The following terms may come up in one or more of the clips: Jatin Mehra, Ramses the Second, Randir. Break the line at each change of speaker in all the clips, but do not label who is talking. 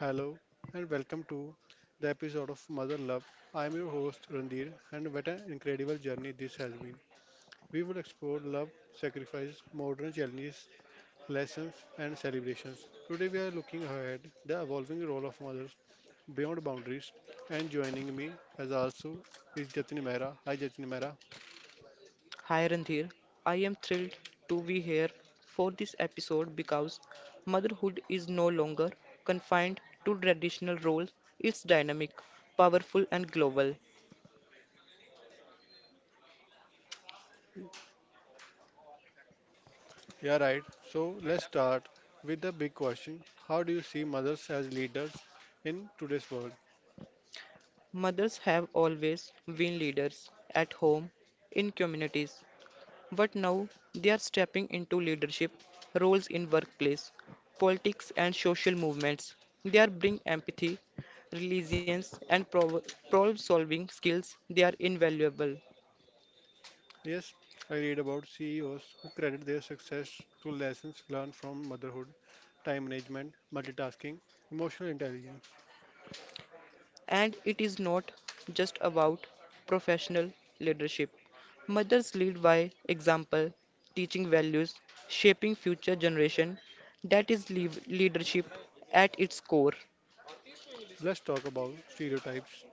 Hello and welcome to the episode of Mother Love. I am your host Randir, and what an incredible journey this has been. We will explore love, sacrifice, modern challenges, lessons and celebrations. Today we are looking ahead the evolving role of mothers beyond boundaries, and joining me as also is Jatin Mehra. Hi Jatin Mehra.
Hi Randir, I am thrilled to be here for this episode because motherhood is no longer confined to traditional roles, it's dynamic, powerful, and global.
Yeah, right. So let's start with the big question. How do you see mothers as leaders in today's world?
Mothers have always been leaders at home, in communities, but now they are stepping into leadership roles in workplace, politics, and social movements. They are bringing empathy, resilience, and problem solving skills. They are invaluable.
Yes, I read about CEOs who credit their success to lessons learned from motherhood, time management, multitasking, emotional intelligence.
And it is not just about professional leadership. Mothers lead by example, teaching values, shaping future generation. That is leadership at its core.
Let's talk about stereotypes.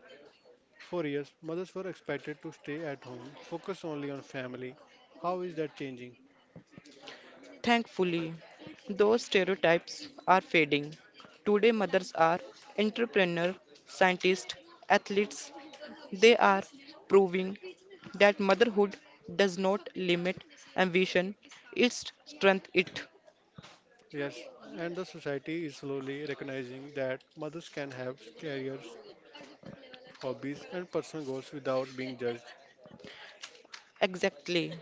For years, mothers were expected to stay at home, focus only on family. How is that changing?
Thankfully, those stereotypes are fading. Today, mothers are entrepreneurs, scientists, athletes. They are proving that motherhood does not limit ambition, it strengthens it.
Yes, and the society is slowly recognizing that mothers can have careers, hobbies, and personal goals without being judged.
Exactly.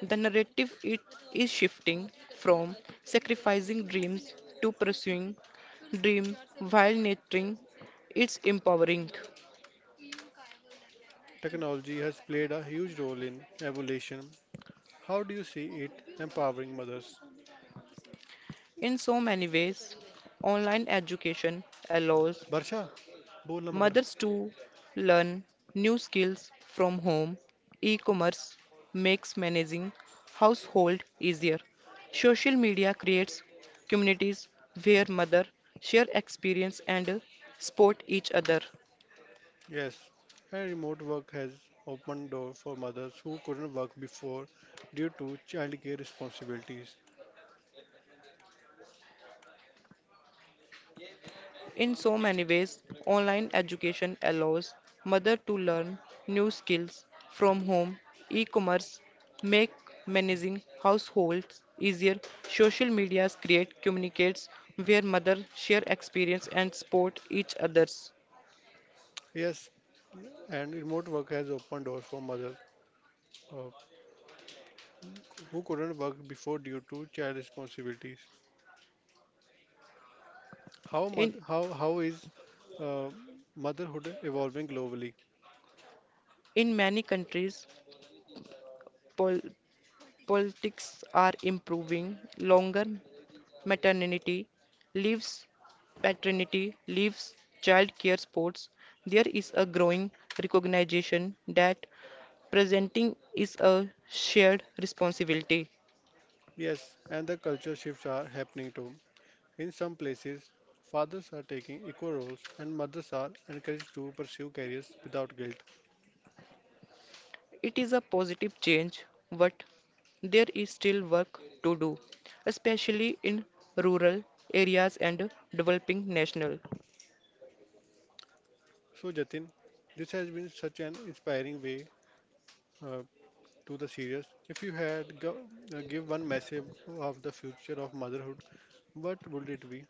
The narrative it is shifting from sacrificing dreams to pursuing dream while nurturing its empowering.
Technology has played a huge role in evolution. How do you see it empowering mothers?
In so many ways, online education allows
Barsha, Purnamagar.
mothers to learn new skills from home. E-commerce makes managing household easier. Social media creates communities where mothers share experience and support each other.
Yes, and remote work has opened door for mothers who couldn't work before due to childcare responsibilities.
In so many ways, online education allows mother to learn new skills from home, e-commerce make managing households easier, social medias create communicates where mother share experience and support each others.
Yes, and remote work has opened doors for mothers, uh, who couldn't work before due to child responsibilities. How
In
moth- how how is uh, motherhood evolving globally?
in many countries, pol- politics are improving longer maternity leaves, paternity leaves, child care sports, there is a growing recognition that presenting is a shared responsibility.
Yes, and the culture shifts are happening too. In some places, fathers are taking equal roles, and mothers are encouraged to pursue careers without guilt.
It is a positive change, but there is still work to do, especially in rural areas and developing national.
So, Jatin, this has been such an inspiring way uh, to the series. If you had go, give one message of the future of motherhood, what would it be?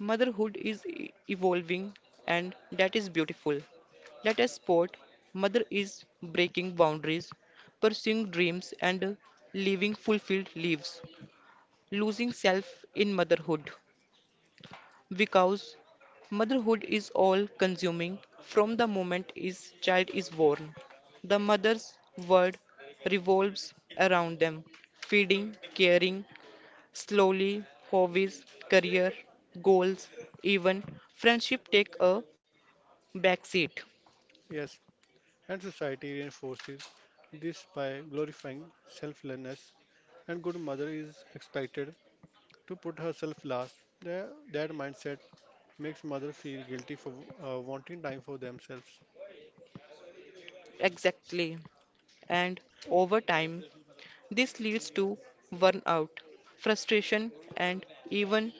Motherhood is evolving, and that is beautiful. Let us sport. Mother is breaking boundaries, pursuing dreams, and living fulfilled lives, losing self in motherhood. Because motherhood is all consuming from the moment his child is born. The mother's world revolves around them, feeding, caring, slowly, hobbies, career, goals, even friendship take a backseat.
Yes, and society reinforces this by glorifying selflessness. And good mother is expected to put herself last. That mindset makes mother feel guilty for wanting time for themselves.
Exactly. And over time, this leads to burnout, frustration, and even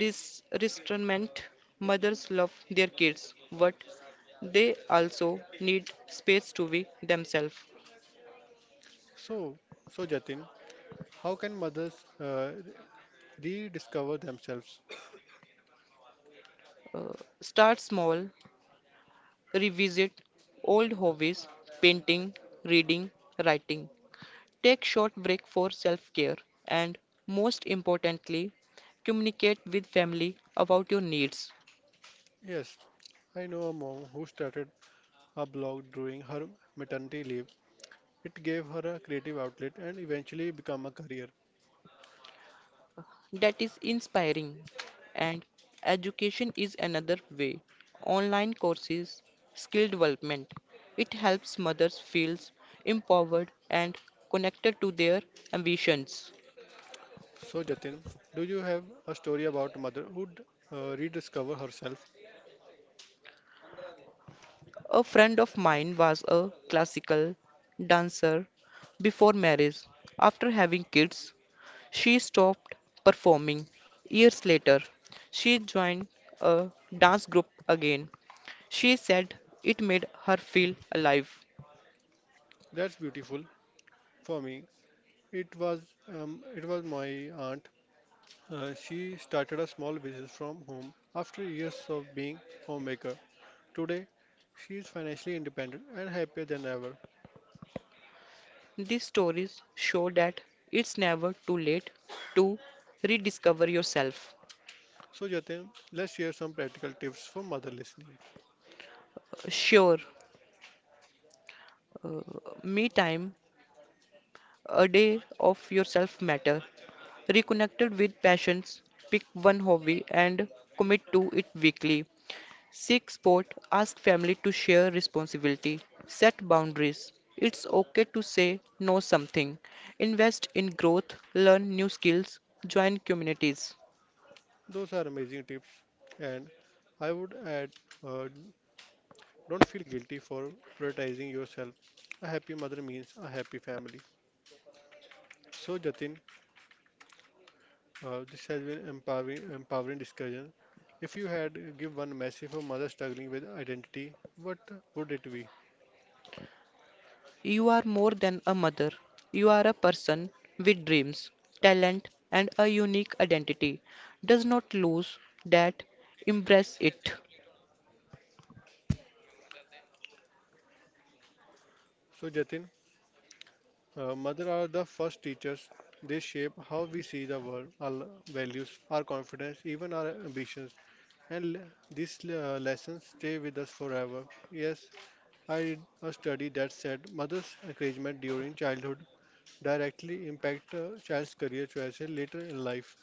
restraint. Mothers love their kids, but they also need space to be themselves.
So, so, Jatin, how can mothers rediscover themselves?
Uh, Start small, revisit old hobbies, painting, reading, writing. Take short break for self-care and most importantly, communicate with family about your needs.
Yes, I know a mom who started a blog during her maternity leave. It gave her a creative outlet and eventually became a career.
That is inspiring. And education is another way. Online courses, skill development. It helps mothers feel empowered and connected to their ambitions.
So, Jatin, do you have a story about a mother who rediscover herself?
A friend of mine was a classical dancer before marriage. After having kids, she stopped performing years later. She joined a dance group again. She said it made her feel alive.
That's beautiful. For me, it was it was my aunt. She started a small business from home after years of being homemaker. Today, she is financially independent and happier than ever.
These stories show that it's never too late to rediscover yourself.
So, Jatin, let's share some practical tips for mother listening.
Sure, uh, me time, a day of yourself matter. Reconnected with passions, pick one hobby and commit to it weekly. Seek support, ask family to share responsibility, set boundaries. It's okay to say no something. Invest in growth, learn new skills, join communities.
Those are amazing tips, and I would add uh, don't feel guilty for prioritizing yourself. A happy mother means a happy family. So, Jatin, this has been empowering discussion. If you had give one message for mother struggling with identity, what would it be?
You are more than a mother. You are a person with dreams, talent and a unique identity. Does not lose that, embrace it.
So, Jatin, mother are the first teachers. They shape how we see the world, our values, our confidence, even our ambitions. And l- these lessons stay with us forever. Yes, I read a study that said mother's encouragement during childhood directly impact a child's career choices later in life.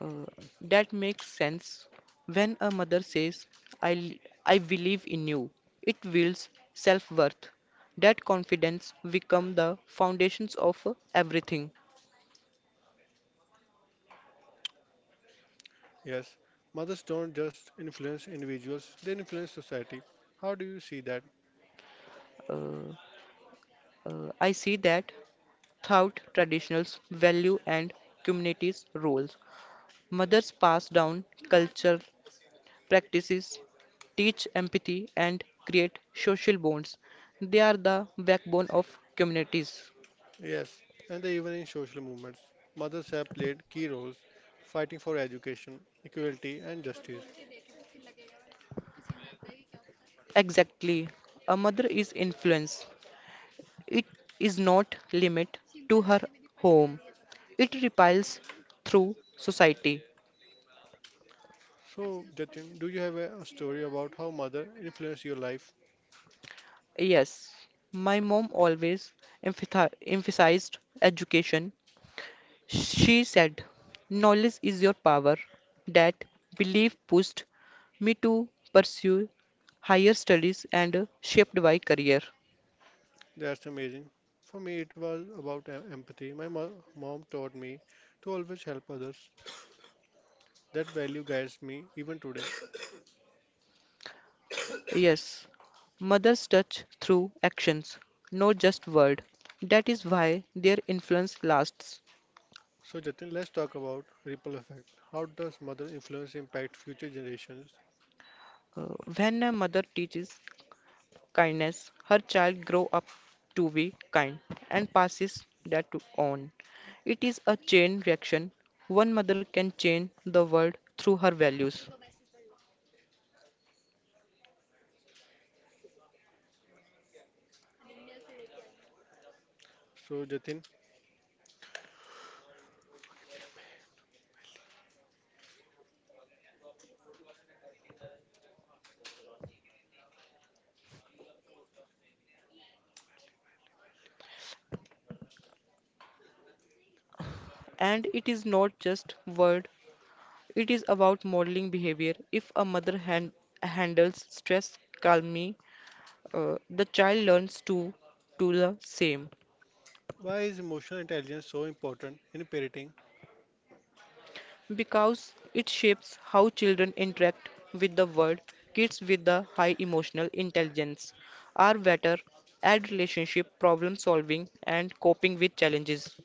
Uh, that makes sense. When a mother says, I believe in you, it builds self worth. That confidence become the foundations of everything.
Yes, mothers don't just influence individuals, they influence society. How do you see that?
Uh, I see that throughout traditionals, value and communities roles. Mothers pass down culture, practices, teach empathy and create social bonds. They are the backbone of communities.
Yes, and they even in social movements. Mothers have played key roles fighting for education, equality and justice.
Exactly. A mother is influence. It is not limit to her home. It repels through society.
So, Jatin, do you have a story about how mother influenced your life?
Yes, my mom always emphasized education. She said, knowledge is your power. That belief pushed me to pursue higher studies and shaped my career.
That's amazing. For me, it was about empathy. Mom taught me to always help others. That value guides me even today.
Yes, mothers touch through actions, not just word. That is why their influence lasts.
So, Jatin, let's talk about ripple effect. How does mother influence impact future generations?
When a mother teaches kindness, her child grow up to be kind and passes that to on. It is a chain reaction. One mother can change the world through her values.
So, Jatin,
And it is not just word, it is about modeling behavior. If a handles stress calmly, the child learns to do the same
why is emotional intelligence so important in parenting?
because it shapes how children interact with the world. Kids with the high emotional intelligence are better at relationship problem solving and coping with challenges.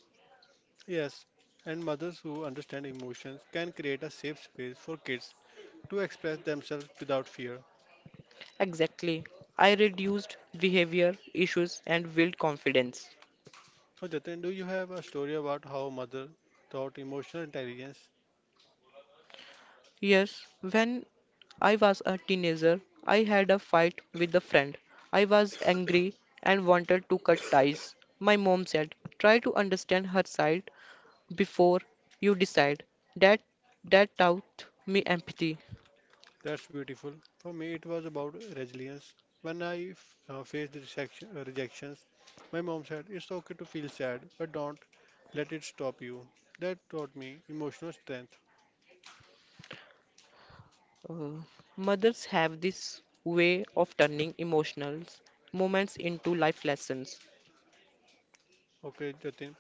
Yes, and mothers who understand emotions can create a safe space for kids to express themselves without fear.
Exactly. I reduced behavior issues and built confidence.
So, Jatin, do you have a story about how mother taught emotional intelligence?
Yes, when I was a teenager. I had a fight with a friend. I was angry and wanted to cut ties. My mom said, "Try to understand her side before you decide." That that taught me empathy.
That's beautiful. For me, it was about resilience. When I faced rejections, my mom said, "It's okay to feel sad, but don't let it stop you." That taught me emotional strength.
Uh, Mothers have this way of turning emotional moments into life lessons.
Okay, Jatin,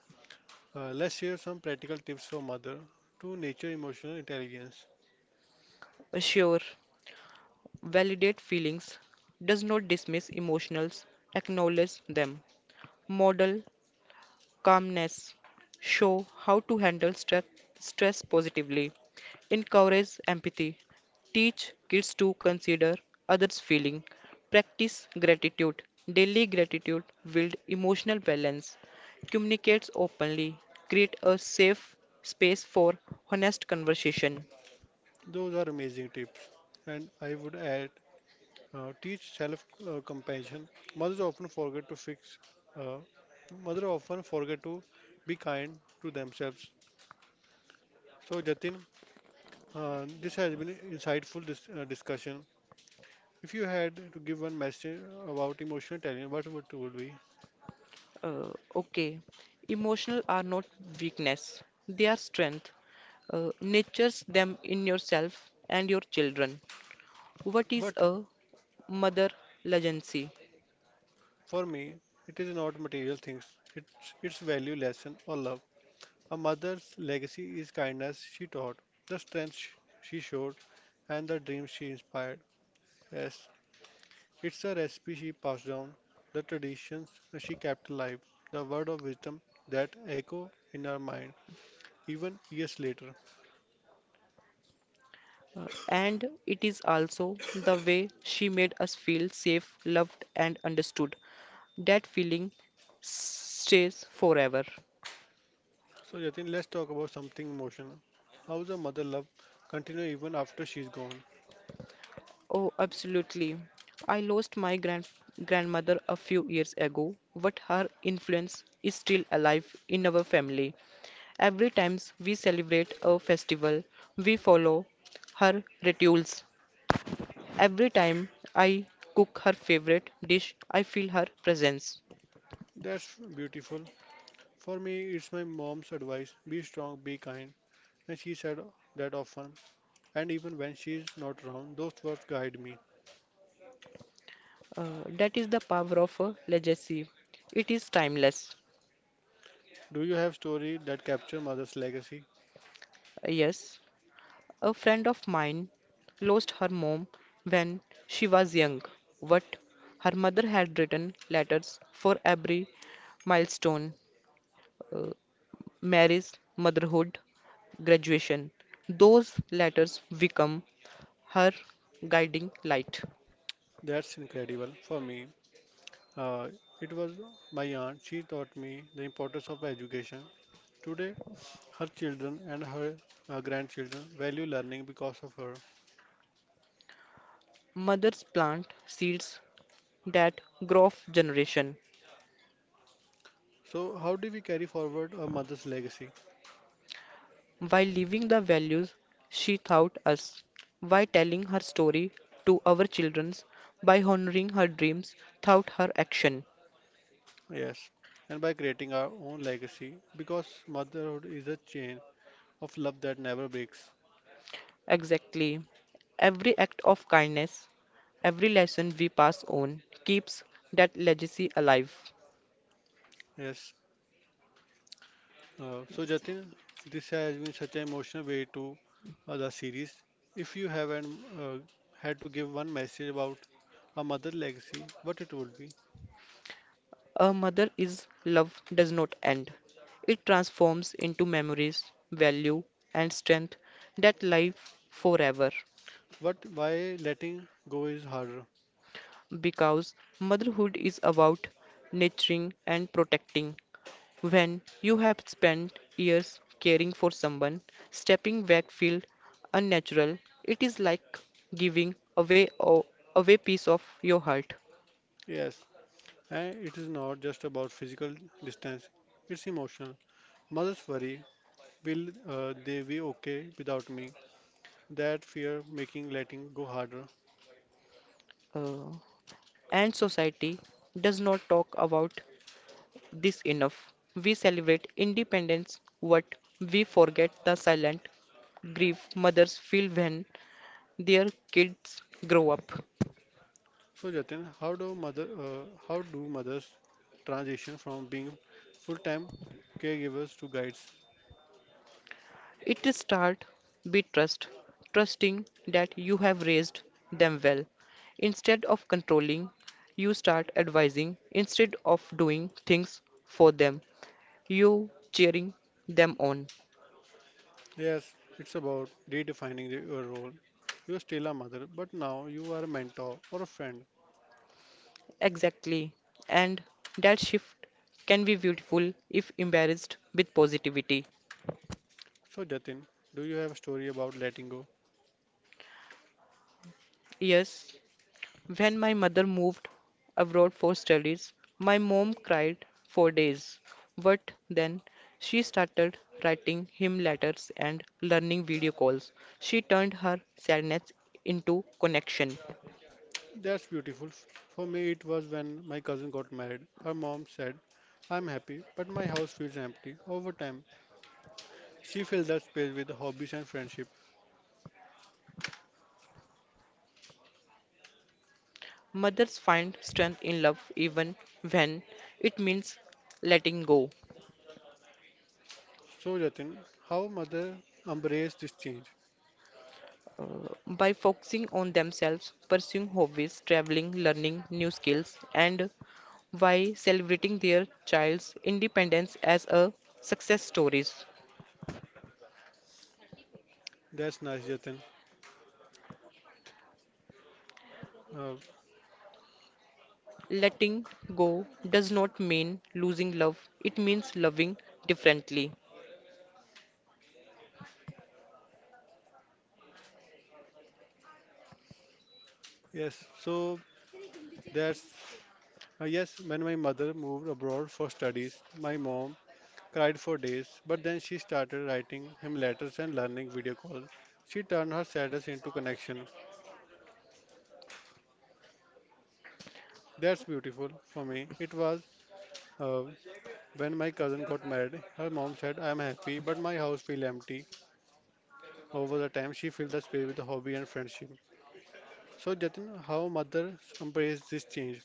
let's share some practical tips for mother to nature emotional intelligence.
Sure, validate feelings, does not dismiss emotions, acknowledge them. Model calmness, show how to handle stress positively, encourage empathy, teach kids to consider others' feeling, practice gratitude. Daily gratitude build emotional balance, communicates openly, create a safe space for honest conversation.
Those are amazing tips. And I would add, teach self compassion. Mothers often forget to fix, uh, mother often forget to be kind to themselves. So, Jatin, this has been insightful discussion. If you had to give one message about emotional intelligence, what would it would be?
Uh, okay, emotional are not weakness; they are strength. Nurtures them in yourself and your children. What is
But
a mother legacy.
for me, it is not material things. It's value, lesson, or love. A mother's legacy is kindness she taught, the strength she showed, and the dreams she inspired. Yes, it's a recipe she passed down, the traditions she kept alive, the word of wisdom that echo in her mind even years later.
And it is also the way she made us feel safe, loved, and understood. That feeling stays forever.
So Jatin, let's talk about something emotional. How's a mother love continue even after she's gone?
Oh, absolutely. I lost my grandmother a few years ago, but her influence is still alive in our family. Every time we celebrate a festival, we follow her rituals. Every time I cook her favorite dish, I feel her presence.
That's beautiful. For me, it's my mom's advice: be strong, be kind, and she said that often. And even when she's not around, those words guide me.
That is the power of a legacy. It is timeless.
Do you have story that capture mother's legacy?
Yes, a friend of mine lost her mom when she was young, but her mother had written letters for every milestone uh, marriage, motherhood, graduation. Those letters become her guiding light.
That's incredible. For me, Uh, it was my aunt. She taught me the importance of education. Today, her children and her grandchildren value learning because of her.
Mothers plant seeds that grow of generation.
So, how do we carry forward a mother's legacy?
While leaving the values she taught us, by telling her story to our children, by honoring her dreams through her action.
Yes, and by creating our own legacy, because motherhood is a chain of love that never breaks.
Exactly. Every act of kindness, every lesson we pass on keeps that legacy alive.
Yes. So, Jatin, this has been such an emotional way to the series. If you haven't had to give one message about a mother legacy, what it would be?
A mother is love does not end. It transforms into memories, value, and strength that live forever.
What? Why letting go is harder?
Because motherhood is about nurturing and protecting, when you have spent years caring for someone, stepping back feels unnatural. It is like giving away a away piece of your heart.
Yes, and it is not just about physical distance; it's emotional. Mothers worry, will they be okay without me? That fear making letting go harder.
Uh, and society does not talk about this enough. We celebrate independence, but we forget the silent grief mothers feel when their kids grow up.
So Jatin, how do mothers transition from being full-time caregivers to guides?
It start be trust, trusting that you have raised them well. Instead of controlling, you start advising. Instead of doing things for them, you cheering them on.
Yes, it's about redefining your role. You're still a mother, but now you are a mentor or a friend.
Exactly. And that shift can be beautiful if embarrassed with positivity.
So Jatin, do you have a story about letting go?
Yes. When my mother moved abroad for studies, my mom cried for days. But then she started writing him letters and learning video calls. She turned her sadness into connection.
That's beautiful. For me, it was when my cousin got married. Her mom said, "I'm happy, but my house feels empty." Over time, she filled that space with hobbies and friendship.
Mothers find strength in love even when it means letting go.
So, Jatin, how mother embraced this change?
By focusing on themselves, pursuing hobbies, traveling, learning new skills, and while celebrating their child's independence as a success stories.
That's nice, Jatin. Uh,
Letting go does not mean losing love, it means loving differently.
yes, so that's Yes. When my mother moved abroad for studies, my mom cried for days, but then she started writing him letters and learning video calls. She turned her sadness into connection. That's beautiful. For me, it was uh, when my cousin got married. Her mom said, "I am happy, but my house feel empty." Over the time, she filled the space with a hobby and friendship. So, Jatin, how mothers embrace this change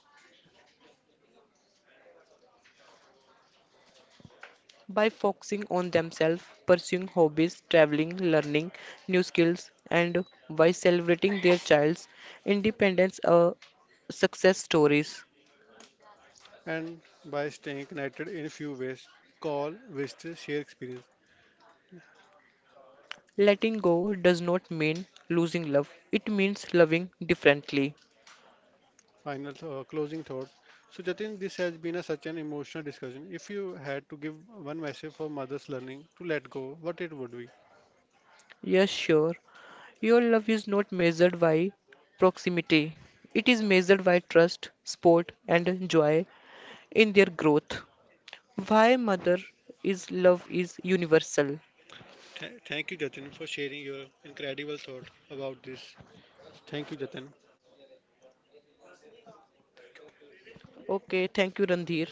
By focusing on themselves, pursuing hobbies, traveling, learning new skills, and by celebrating their child's independence success stories.
and by staying connected in a few ways, call, visit, share experience.
Letting go does not mean losing love, it means loving differently.
Final closing thoughts. So, Jatin, this has been such an emotional discussion. If you had to give one message for mothers learning to let go, what it would be?
Yes, sure. Your love is not measured by proximity. It is measured by trust, sport, and joy in their growth. Why mother is love is universal.
Thank you, Jatin, for sharing your incredible thought about this. Thank you, Jatin.
Okay, thank you, Randhir.